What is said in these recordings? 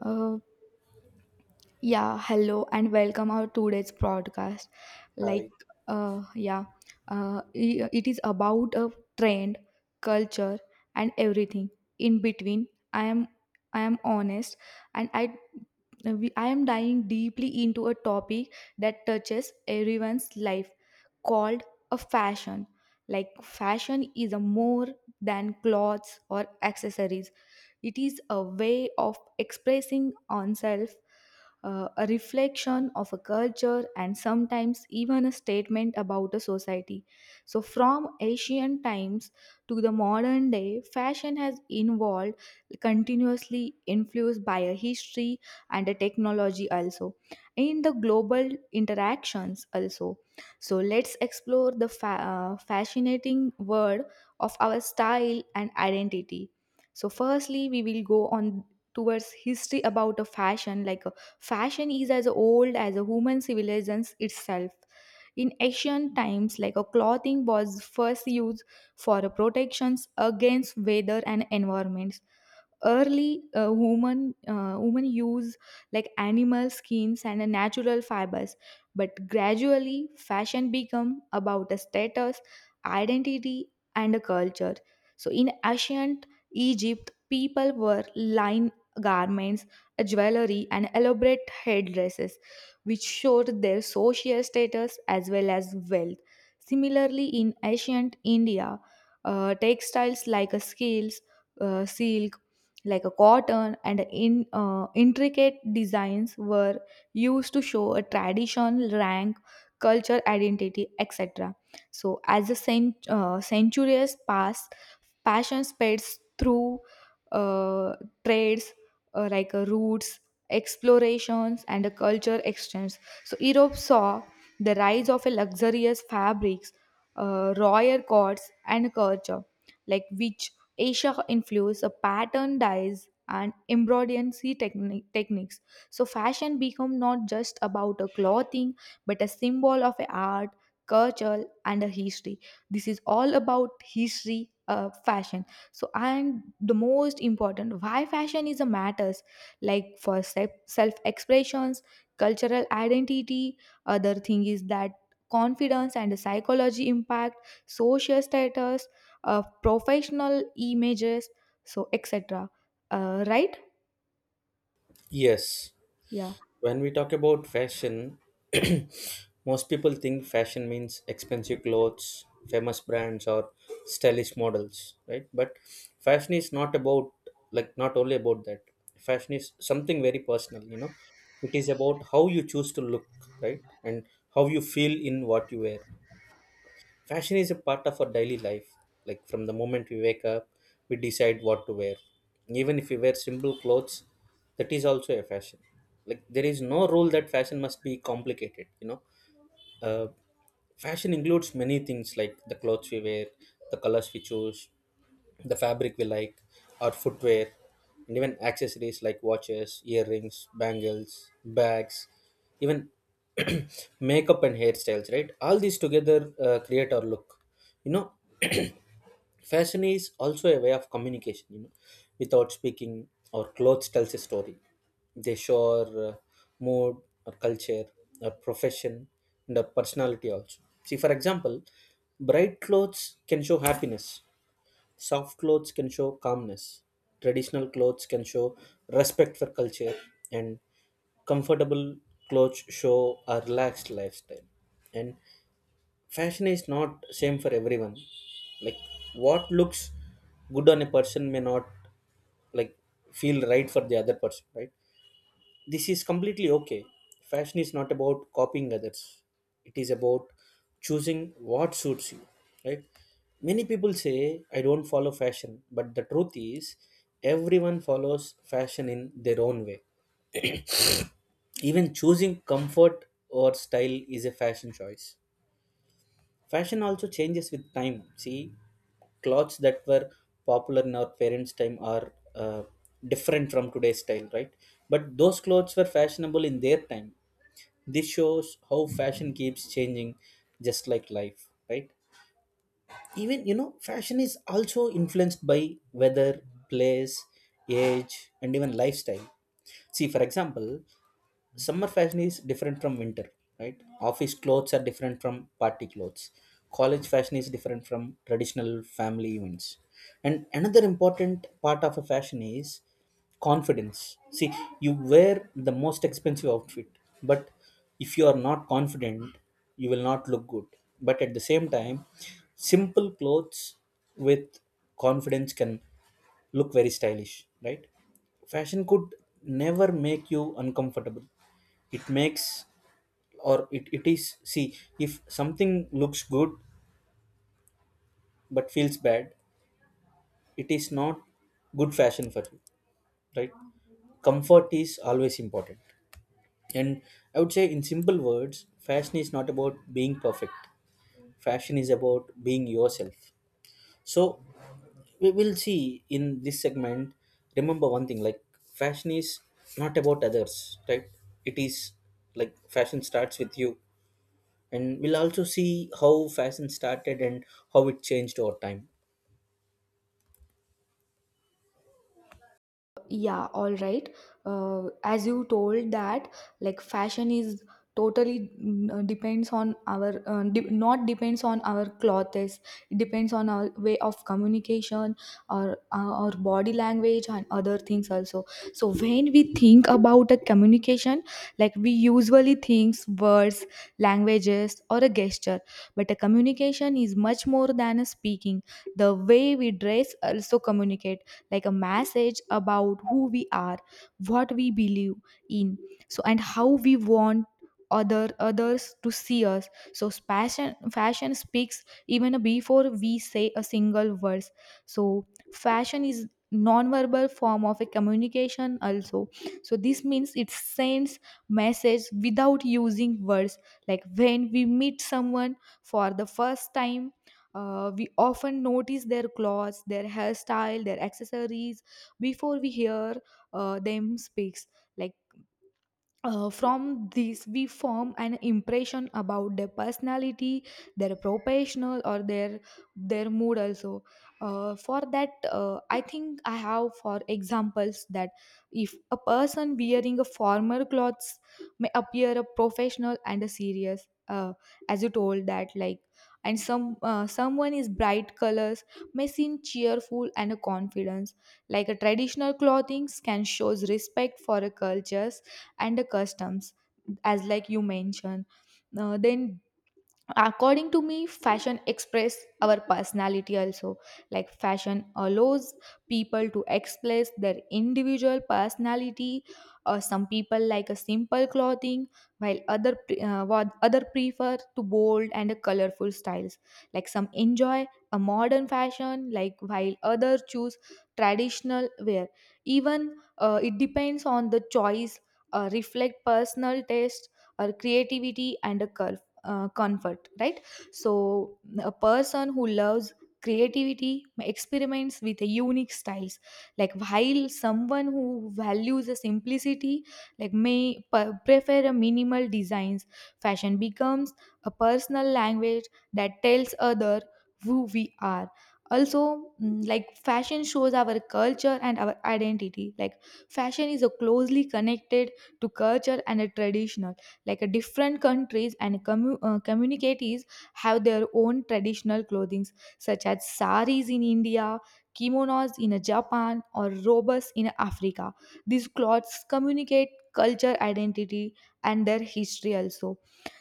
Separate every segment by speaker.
Speaker 1: Uh, yeah, Hello and welcome our today's broadcast. Like,
Speaker 2: Right.
Speaker 1: uh, yeah, it is about a trend, culture, and everything in between. I am, I am honest, and I am diving deeply into a topic that touches everyone's life, called a fashion. Like, fashion is a more than clothes or accessories. It is a way of expressing oneself, a reflection of a culture, and sometimes even a statement about a society. So, from ancient times to the modern day, fashion has evolved continuously, influenced by a history and a technology also, in the global interactions also. So let's explore the fascinating world of our style and identity. So firstly, we will go on towards history about a fashion. Like a fashion is as old as a human civilization itself. In ancient times, like a clothing was first used for protections against weather and environments. Early woman women use like animal skins and natural fibers, but gradually fashion become about a status, identity, and a culture. So in ancient Egypt people wore lined garments, jewelry and elaborate headdresses, which showed their social status as well as wealth. Similarly in ancient India, textiles like scales, silk, like a cotton, and in intricate designs were used to show a tradition, rank, culture, identity, etc. So as the centuries pass, passion spreads through uh, trades, routes, explorations and a culture exchange. So Europe saw the rise of a luxurious fabrics, royal courts and culture, like which Asia influenced a pattern, dyes and embroidery techniques. So fashion become not just about a clothing, but a symbol of a art, culture, and a history. This is all about history, fashion. So and the most important, why fashion is a matters, like for self expressions, cultural identity. Other thing is that confidence and the psychology impact, social status, professional images, so etc. Right.
Speaker 2: Yes.
Speaker 1: Yeah.
Speaker 2: When we talk about fashion, most people think fashion means expensive clothes, famous brands, or stylish models, right? But fashion is not about, not only about that. Fashion is something very personal, It is about how you choose to look, right? And how you feel in what you wear. Fashion is a part of our daily life. Like from the moment we wake up, we decide what to wear. Even if we wear simple clothes, that is also a fashion. Like there is no rule that fashion must be complicated. Uh, Fashion includes many things like the clothes we wear, the colors we choose, the fabric we like, our footwear, and even accessories like watches, earrings, bangles, bags, even makeup and hairstyles, right? All these together create our look. You know, Fashion is also a way of communication, without speaking, our clothes tells a story. They show our mood, our culture, our profession, and our personality also. See, for example, bright clothes can show happiness. Soft clothes can show calmness. Traditional clothes can show respect for culture, and comfortable clothes show a relaxed lifestyle. And fashion is not same for everyone. Like what looks good on a person may not like feel right for the other person, right? This is completely okay. Fashion is not about copying others. It is about choosing what suits you, right? Many people say I don't follow fashion, but the truth is everyone follows fashion in their own way. Even choosing comfort or style is a fashion choice. Fashion also changes with time. See, clothes that were popular in our parents' time are different from today's style, right? But those clothes were fashionable in their time. This shows how fashion keeps changing, just like life, right? Even, fashion is also influenced by weather, place, age, and even lifestyle. See, for example, summer fashion is different from winter, right? Office clothes are different from party clothes. College fashion is different from traditional family events. And another important part of a fashion is confidence. See, you wear the most expensive outfit, but if you are not confident, you will not look good. But at the same time, simple clothes with confidence can look very stylish, right? Fashion could never make you uncomfortable. It makes, or it is, see, if something looks good but feels bad, it is not good fashion for you, right? Comfort is always important. And I would say in simple words, fashion is not about being perfect. Fashion is about being yourself. So we will see in this segment, remember one thing, like, fashion is not about others, right? It is like fashion starts with you. And we'll also see how fashion started and how it changed over time.
Speaker 1: Yeah, all right. As you told that like fashion is totally mm, depends on our de- not depends on our clothes. It depends on our way of communication, or our body language and other things also. So when we think about a communication, like we usually think words, languages or a gesture, but a communication is much more than a speaking. The way we dress also communicate like a message about who we are, what we believe in. So and how we want others to see us. So fashion speaks even before we say a single verse. So fashion is non-verbal form of a communication also. So this means it sends message without using words. Like when we meet someone for the first time, we often notice their clothes, their hairstyle, their accessories before we hear them speaks. Like from this we form an impression about their personality, their professional, or their mood also. For that I think I have for examples that if a person wearing a formal clothes may appear a professional and a serious. As you told that, like, and some, someone is bright colors may seem cheerful and a confidence. Like a traditional clothing can shows respect for a cultures and the customs, as like you mentioned. Then according to me, fashion express our personality also. Like fashion allows people to express their individual personality. Some people like a simple clothing, while other prefer to bold and colorful styles. Like some enjoy a modern fashion, like while others choose traditional wear. Even it depends on the choice, reflect personal taste or creativity and a culture, comfort, right? So a person who loves creativity experiments with a unique styles, like while someone who values the simplicity like may prefer a minimal designs. Fashion becomes a personal language that tells other who we are. Also, like fashion shows our culture and our identity. Like fashion is a closely connected to culture and a tradition. Like a different countries and communities have their own traditional clothings, such as saris in India, kimonos in Japan, or robes in Africa. These clothes communicate culture, identity, and their history also.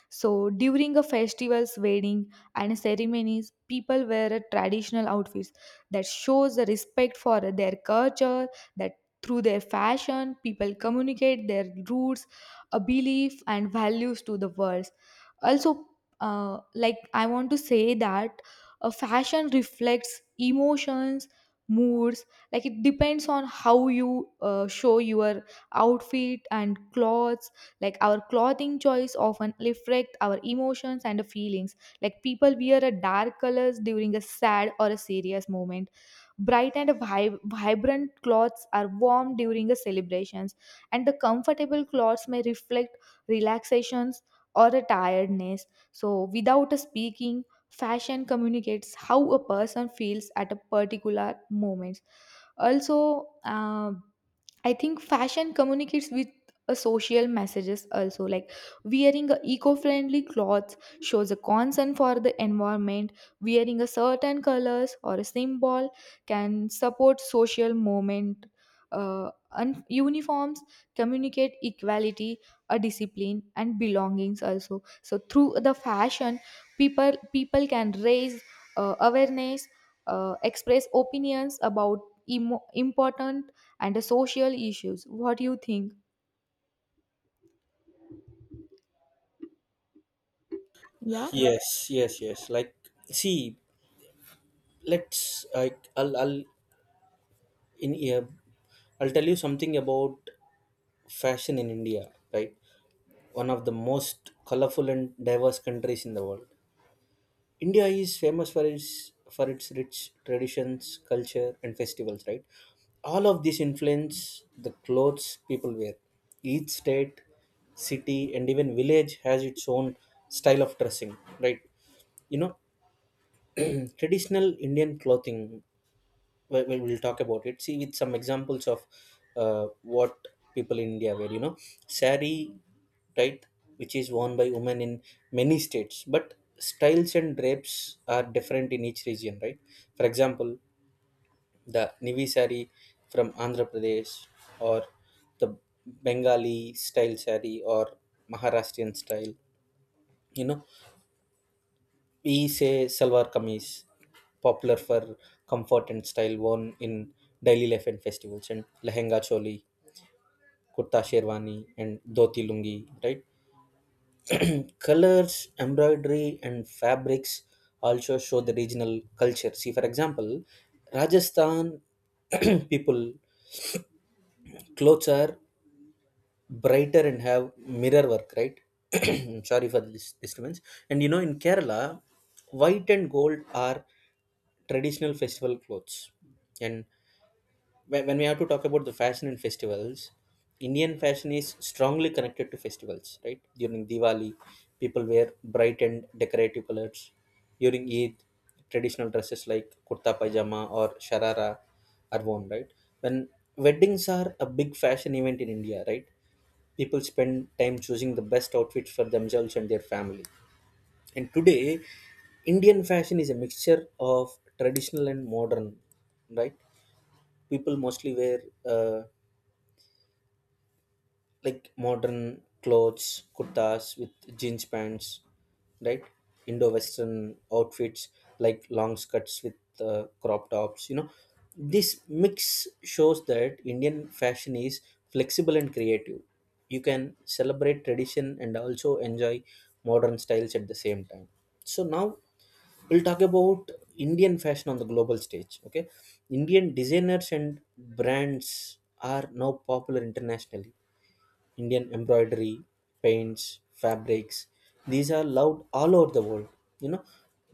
Speaker 1: So during a festivals, wedding, and ceremonies, people wear a traditional outfits that shows the respect for their culture. That through their fashion, people communicate their roots, a belief, and values to the world. Also, like I want to say that a fashion reflects emotions, moods. Like it depends on how you show your outfit and clothes. Like our clothing choice often reflect our emotions and feelings. Like people wear a dark colors during a sad or a serious moment. Bright and vibrant clothes are warm during the celebrations, and the comfortable clothes may reflect relaxations or a tiredness. So, without a speaking, fashion communicates how a person feels at a particular moment. Also, I think fashion communicates with a social messages also, like wearing a eco-friendly clothes shows a concern for the environment, wearing a certain colors or a symbol can support social movement, and uniforms communicate equality, a discipline and belongings also. So through the fashion, people can raise awareness, express opinions about important and social issues. What do you think? Yeah.
Speaker 2: Yes, yes, yes. Like, see, let's, I'll, in here, I'll tell you something about fashion in India, right? One of the most colorful and diverse countries in the world, India is famous for its rich traditions, culture, and festivals, right? All of this influence the clothes people wear. Each state, city, and even village has its own style of dressing, right? You know, traditional Indian clothing, we'll talk about it. See with some examples of uh, what people in India wear, you know. Sari, right, which is worn by women in many states, but styles and drapes are different in each region, right? For example, the Nivi sari from Andhra Pradesh, or the Bengali style sari, or Maharashtrian style. You know, we say salwar kameez, popular for comfort and style, worn in daily life and festivals, and lehenga choli, kurta sherwani, and dhoti lungi, right? Colors, embroidery, and fabrics also show the regional culture. See, for example, Rajasthan people clothes are brighter and have mirror work, right? I'm sorry for this disturbance. And you know, in Kerala, white and gold are traditional festival clothes. And when we have to talk about the fashion and festivals, Indian fashion is strongly connected to festivals, right? During Diwali, people wear bright and decorative colors. During Eid, traditional dresses like kurta pajama or sharara are worn, right? When weddings are a big fashion event in India, right, people spend time choosing the best outfits for themselves and their family. And today, Indian fashion is a mixture of traditional and modern, right? People mostly wear like modern clothes, kurtas with jeans pants, right? Indo-Western outfits like long skirts with crop tops, you know. This mix shows that Indian fashion is flexible and creative. You can celebrate tradition and also enjoy modern styles at the same time. So now we'll talk about Indian fashion on the global stage, okay? Indian designers and brands are now popular internationally. Indian embroidery, paints, fabrics. These are loved all over the world. You know,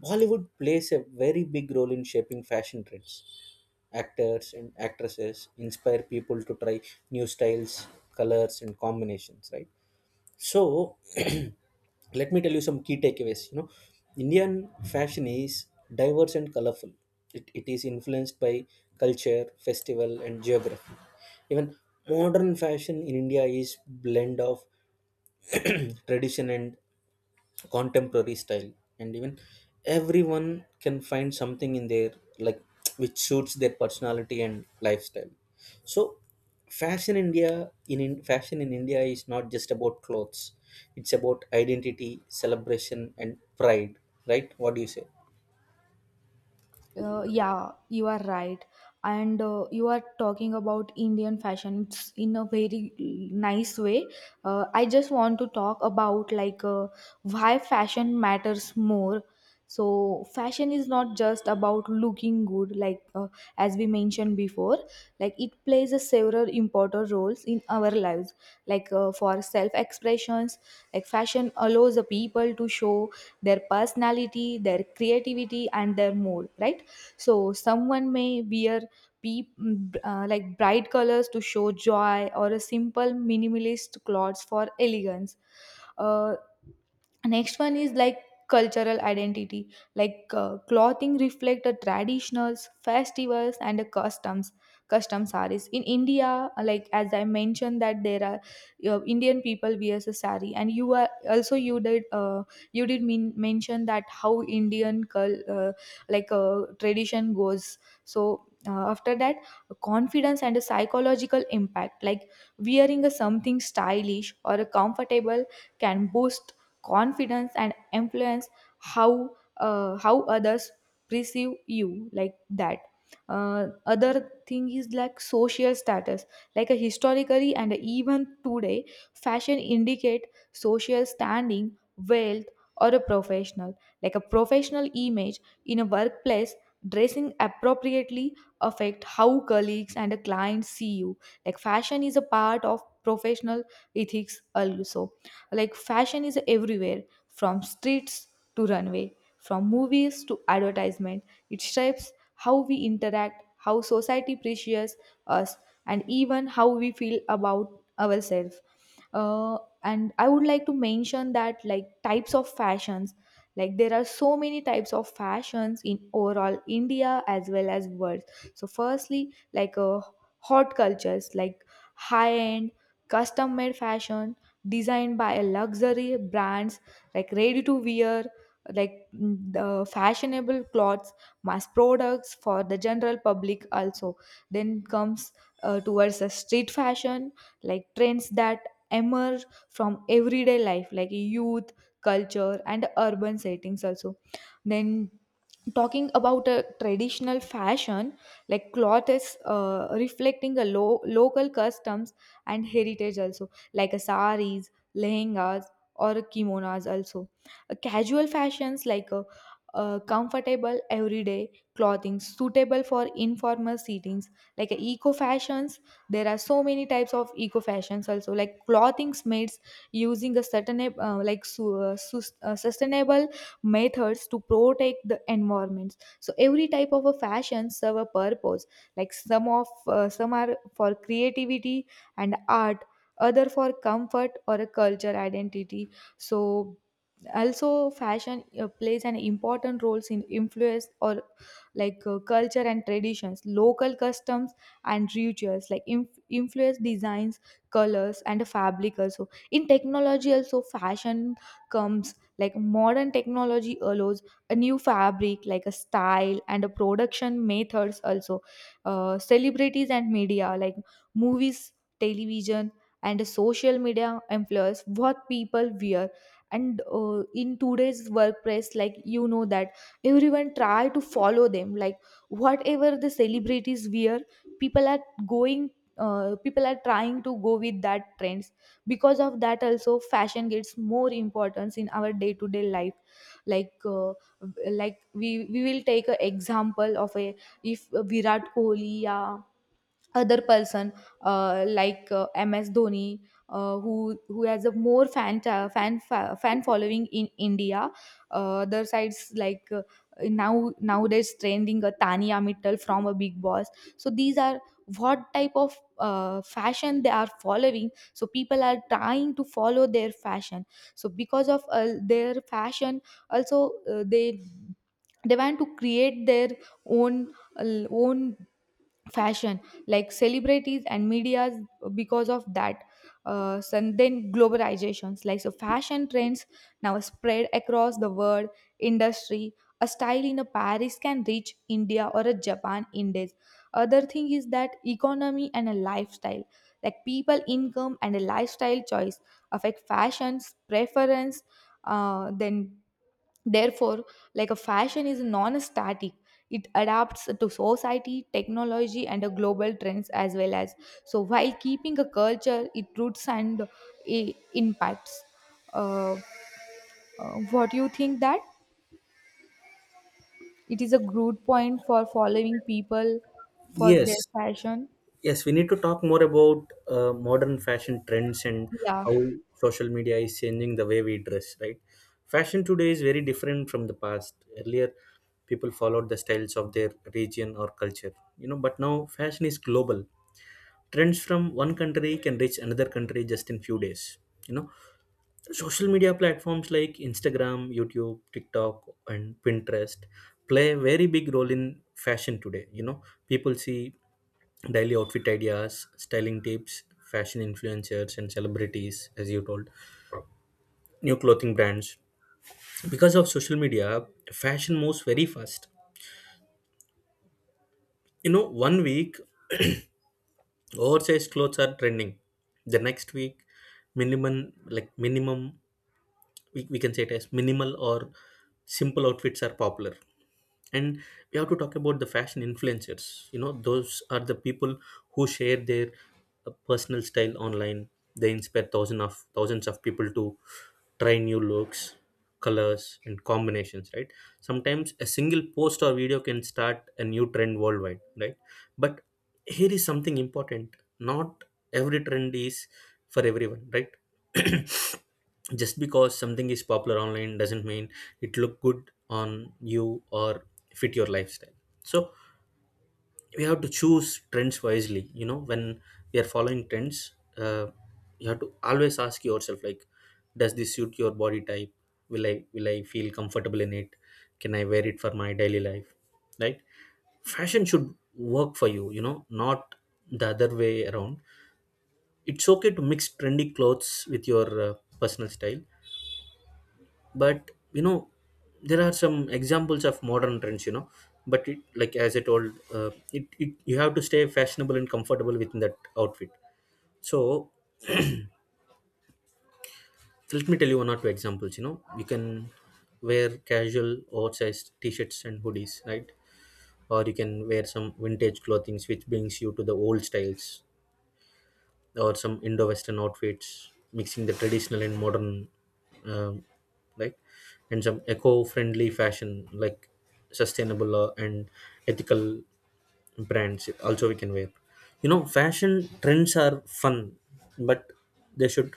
Speaker 2: Bollywood plays a very big role in shaping fashion trends. Actors and actresses inspire people to try new styles, colors, and combinations, right? So let me tell you some key takeaways. You know, Indian fashion is diverse and colorful. It is influenced by culture, festival, and geography. Even modern fashion in India is blend of tradition and contemporary style. And even everyone can find something in there, like which suits their personality and lifestyle. So fashion India, in fashion in India is not just about clothes. It's about identity, celebration, and pride, right? What do you say?
Speaker 1: Yeah, you are right. And you are talking about Indian fashion it's in a very nice way. I just want to talk about like why fashion matters more. So fashion is not just about looking good, like as we mentioned before. Like it plays a several important roles in our lives, like for self expressions. Like fashion allows the people to show their personality, their creativity, and their mood, right? So someone may wear peep, like bright colors to show joy, or a simple minimalist clothes for elegance. Uh, Next one is like cultural identity, like clothing reflect the traditionals, festivals and the customs, custom saris in India, like as I mentioned that there are, Indian people wears a sari. And you are also, you did mention that how Indian tradition goes. So after that, confidence and a psychological impact, like wearing a something stylish or a comfortable can boost confidence and influence how, how others perceive you, like that. Other thing is like social status. Like a historically and even today, fashion indicate social standing, wealth, or a professional, like a professional image. In a workplace, dressing appropriately affect how colleagues and clients see you. Like fashion is a part of professional ethics also. Like fashion is everywhere, from streets to runway, from movies to advertisement. It shapes how we interact, how society appreciates us, and even how we feel about ourselves. And I would like to mention that like types of fashions, like there are so many types of fashions in overall India as well as world. So firstly, like hot cultures, like high end custom made fashion designed by a luxury brands, like ready to wear, like the fashionable clothes, mass products for the general public also. Then comes towards the street fashion, like trends that emerge from everyday life, like youth culture and urban settings also. Then talking about a traditional fashion, like cloth is reflecting a local customs and heritage also, like a saris, lehengas, or kimonos also. Casual fashions like a, comfortable everyday clothing suitable for informal settings like a eco fashions, there are so many types of eco fashions also, like clothing made using a certain like sustainable methods to protect the environments. So every type of a fashion serve a purpose, like some are for creativity and art, other for comfort or a culture identity. So also fashion plays an important role in influence or like culture and traditions, local customs and rituals, like influence designs, colors and fabric also. In technology also fashion comes, like modern technology allows a new fabric, like a style and a production methods also. Celebrities and media like movies, television and social media influence what people wear. And in today's workplace, like you know that everyone try to follow them, like whatever the celebrities wear, people are going people are trying to go with that trends. Because of that also fashion gets more importance in our day to day life, like uh, like we will take an example of a, if Virat Kohli, yeah, other person, MS Dhoni, who has a more fan ta- fan fa- fan following in India. Other sides like nowadays trending a Tania Mittal from a Big Boss. So these are what type of fashion they are following, so people are trying to follow their fashion. So because of their fashion also, they want to create their own, uh, own fashion like celebrities and medias, because of that. So and then globalizations, like so fashion trends now spread across the world industry, a style in a Paris can reach India or a Japan in days. Other thing is that economy and a lifestyle, like people income and a lifestyle choice affect fashions preference. Then therefore, like a fashion is non-static, it adapts to society, technology and a global trends as well as. So while keeping a culture it roots and impacts. uh, what do you think that it is a good point for following people for
Speaker 2: Yes,
Speaker 1: their fashion?
Speaker 2: yes, we need to talk more about modern fashion trends and
Speaker 1: Yeah.
Speaker 2: how social media is changing the way we dress, right? Fashion today is very different from the past. Earlier, people followed the styles of their region or culture, you know, but now fashion is global. Trends from one country can reach another country just in few days, you know. Social media platforms like Instagram, YouTube, TikTok, and Pinterest play a very big role in fashion today, you know. People see daily outfit ideas, styling tips, fashion influencers and celebrities, as you told, new clothing brands. Because of social media, fashion moves very fast. You know, one week oversized clothes are trending, the next week minimum, like minimum, we can say it as minimal or simple outfits are popular. And we have to talk about the fashion influencers. You know, those are the people who share their personal style online. They inspire thousands of people to try new looks, colors, and combinations, right? Sometimes a single post or video can start a new trend worldwide, right? But here is something important: not every trend is for everyone, right? Just because something is popular online doesn't mean it look good on you or fit your lifestyle. So we have to choose trends wisely. You know, when we are following trends, you have to always ask yourself, like, does this suit your body type? Will I feel comfortable in it? Can I wear it for my daily life, right? Fashion should work for you, you know, not the other way around. It's okay to mix trendy clothes with your personal style. But you know, there are some examples of modern trends, you know. But it, like as I told it, it you have to stay fashionable and comfortable within that outfit. So let me tell you one or two examples. You know, you can wear casual oversized t-shirts and hoodies, right? Or you can wear some vintage clothing which brings you to the old styles, or some Indo-Western outfits, mixing the traditional and modern, um, like, and some eco-friendly fashion, like sustainable and ethical brands. Also, we can wear. You know, fashion trends are fun, but they should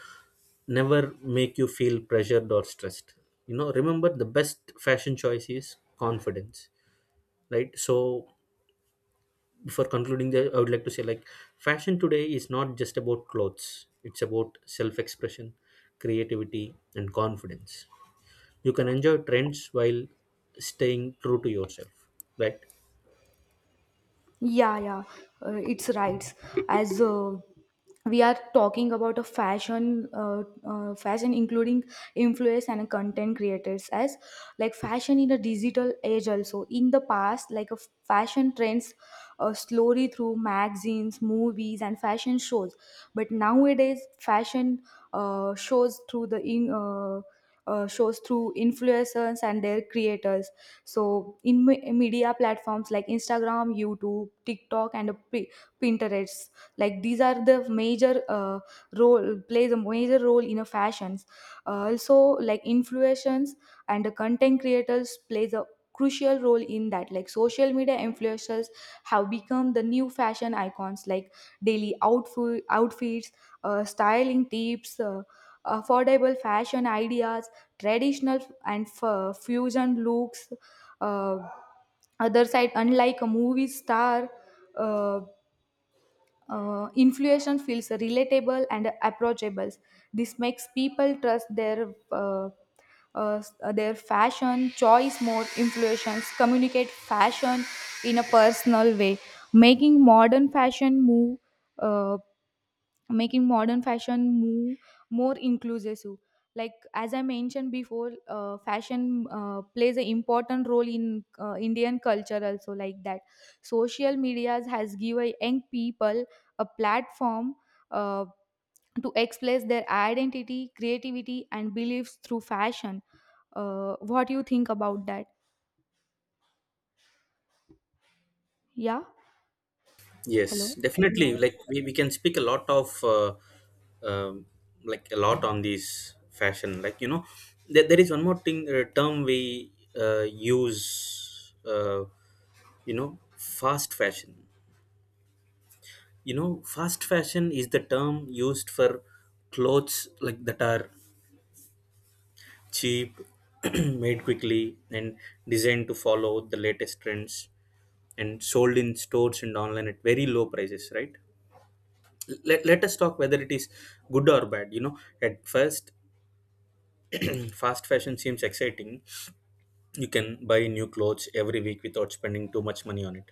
Speaker 2: never make you feel pressured or stressed. You know, remember the best fashion choice is confidence, right? So before concluding there, I would like to say, like, fashion today is not just about clothes. It's about self expression, creativity, and confidence. You can enjoy trends while staying true to yourself, right?
Speaker 1: Yeah, yeah, it's right. As we are talking about a fashion, fashion including influence and content creators as like fashion in a digital age. Also, in the past, like a fashion trends slowly through magazines, movies, and fashion shows. But nowadays, fashion shows through the in. Shows through influencers and their creators. So in media platforms like Instagram, YouTube, TikTok, and Pinterest, like these are the major role, plays a major role in a fashions. Also, like influencers and the content creators plays a crucial role in that. Like social media influencers have become the new fashion icons, like daily outfits, styling tips, affordable fashion ideas, traditional and fusion looks. uh, Other side, unlike a movie star, uh, influential feels relatable and approachable. This makes people trust uh, their fashion choice more. Influencers communicate fashion in a personal way, making modern fashion move, uh, making modern fashion move more inclusive. So, like as I mentioned before, fashion plays an important role in Indian culture also. Like that, social medias has given young people a platform uh, to express their identity, creativity and beliefs through fashion. What do you think about that? Yeah.
Speaker 2: Yes,
Speaker 1: Hello.
Speaker 2: definitely.
Speaker 1: Yeah.
Speaker 2: Like we can speak a lot of um, like a lot on these fashion. Like you know, there is one more thing, term we use. You know, fast fashion. You know, fast fashion is the term used for clothes like that are cheap, made quickly and designed to follow the latest trends and sold in stores and online at very low prices, right? Let us talk whether it is good or bad. You know, at first fast fashion seems exciting. You can buy new clothes every week without spending too much money on it.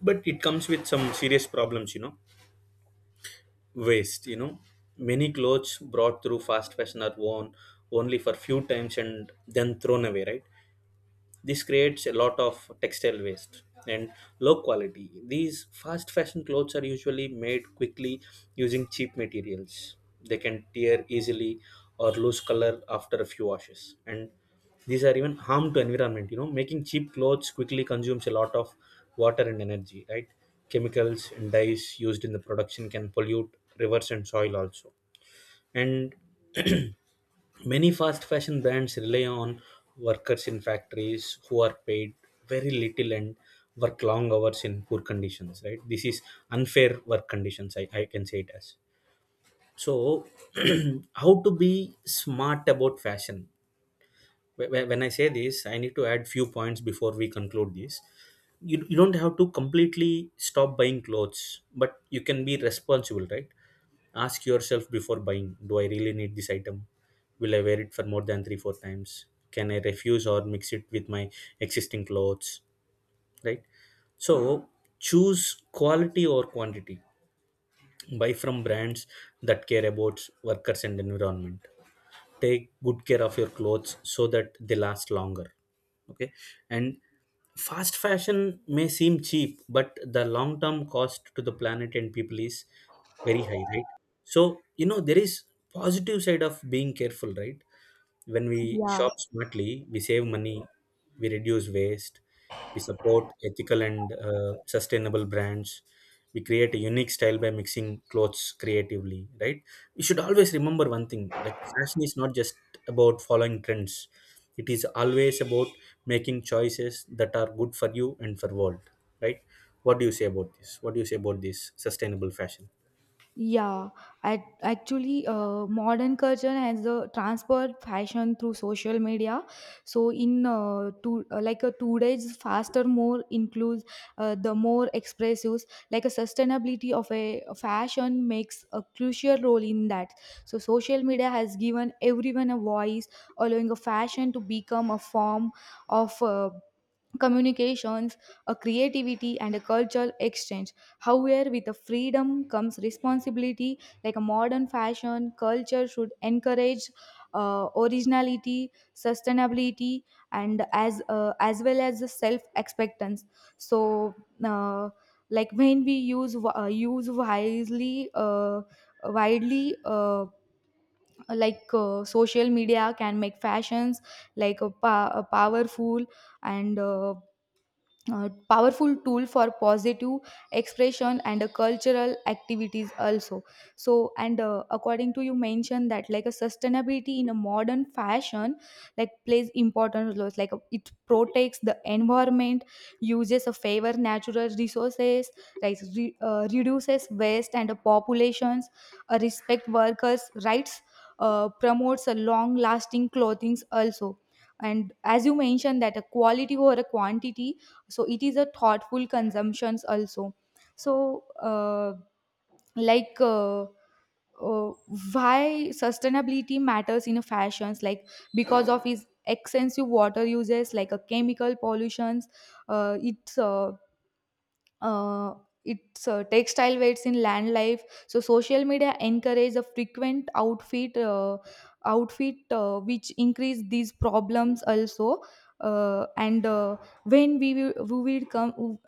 Speaker 2: But it comes with some serious problems, you know. Waste, you know, many clothes brought through fast fashion are worn only for few times and then thrown away, right? This creates a lot of textile waste. And low quality: these fast fashion clothes are usually made quickly using cheap materials. They can tear easily or lose color after a few washes. And these are even harm to environment. You know, making cheap clothes quickly consumes a lot of water and energy, right? Chemicals and dyes used in the production can pollute rivers and soil also. And many fast fashion brands rely on workers in factories who are paid very little and work long hours in poor conditions, right? This is unfair work conditions, I can say it as. So, how to be smart about fashion? When I say this, I need to add few points before we conclude this. You don't have to completely stop buying clothes, but you can be responsible, right? Ask yourself before buying: do I really need this item? Will I wear it for more than three, four times? Can I refuse or mix it with my existing clothes, right? So choose quality or quantity. Buy from brands that care about workers and environment. Take good care of your clothes so that they last longer, okay? And fast fashion may seem cheap, but the long term cost to the planet and people is very high, right? So you know, there is positive side of being careful, right? When we
Speaker 1: Yeah.
Speaker 2: shop smartly, we save money, we reduce waste, we support ethical and sustainable brands, we create a unique style by mixing clothes creatively, right? We should always remember one thing, like, fashion is not just about following trends, it is always about making choices that are good for you and for world, right? What do you say about this? What do you say about this sustainable fashion?
Speaker 1: Yeah, I actually modern culture has transferred fashion through social media. So in two like a today's faster, more includes the more expressive. Like a sustainability of a fashion makes a crucial role in that. So social media has given everyone a voice, allowing a fashion to become a form of communications, a creativity, and a cultural exchange. However, with the freedom comes responsibility. Like a modern fashion culture should encourage originality, sustainability, and as well as the self expectance. So. Uh, like when we use wisely widely, like social media can make fashions like a, a powerful and powerful tool for positive expression and cultural activities also. So and according to you mentioned that like a sustainability in a modern fashion like plays important roles, like it protects the environment, uses a favor natural resources, like reduces waste and populations, respect workers rights, promotes a long lasting clothing also. And as you mentioned that a quality over a quantity, so it is a thoughtful consumptions also. So like why sustainability matters in fashions, like because of its extensive water uses, like a chemical pollutions, uh, it's uh, uh, it's textile waste in land life. So social media encourage a frequent outfit which increase these problems also. And When we will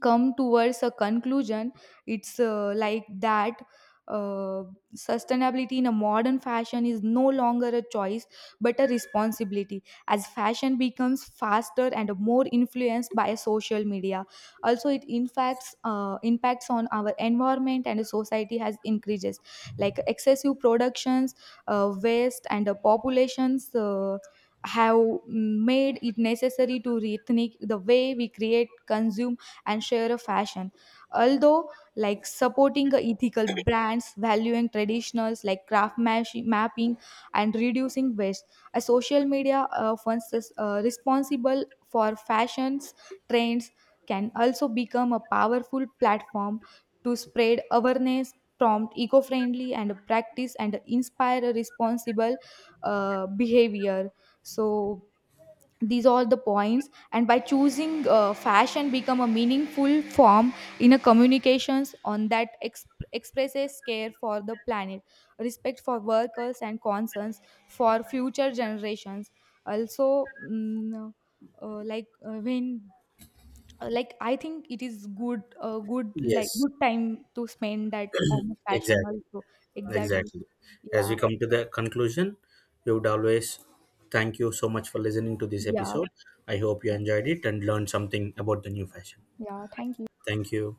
Speaker 1: come towards a conclusion, it's like that, uh, sustainability in a modern fashion is no longer a choice but a responsibility. As fashion becomes faster and more influenced by social media, also it impacts, impacts on our environment and society has increases, like excessive productions, waste and populations have made it necessary to rethink the way we create, consume and share a fashion. Although, like supporting a ethical brands, valuing traditionals like mapping and reducing waste, a social media funds is, responsible for fashions trends, can also become a powerful platform to spread awareness, prompt eco-friendly and practice and inspire a responsible behavior. So these are the points, and by choosing fashion become a meaningful form in a communications on that expresses care for the planet, respect for workers and concerns for future generations also. Like when like I think it is good, like
Speaker 2: Yes,
Speaker 1: good time to spend that on fashion
Speaker 2: exactly.
Speaker 1: also. Exactly.
Speaker 2: Exactly. As we
Speaker 1: Yeah.
Speaker 2: come to the conclusion, we would always thank you so much for listening to this
Speaker 1: Yeah.
Speaker 2: episode. I hope you
Speaker 1: Yeah,
Speaker 2: enjoyed it and learned something about the new fashion.
Speaker 1: yeah. Thank you.
Speaker 2: Thank you.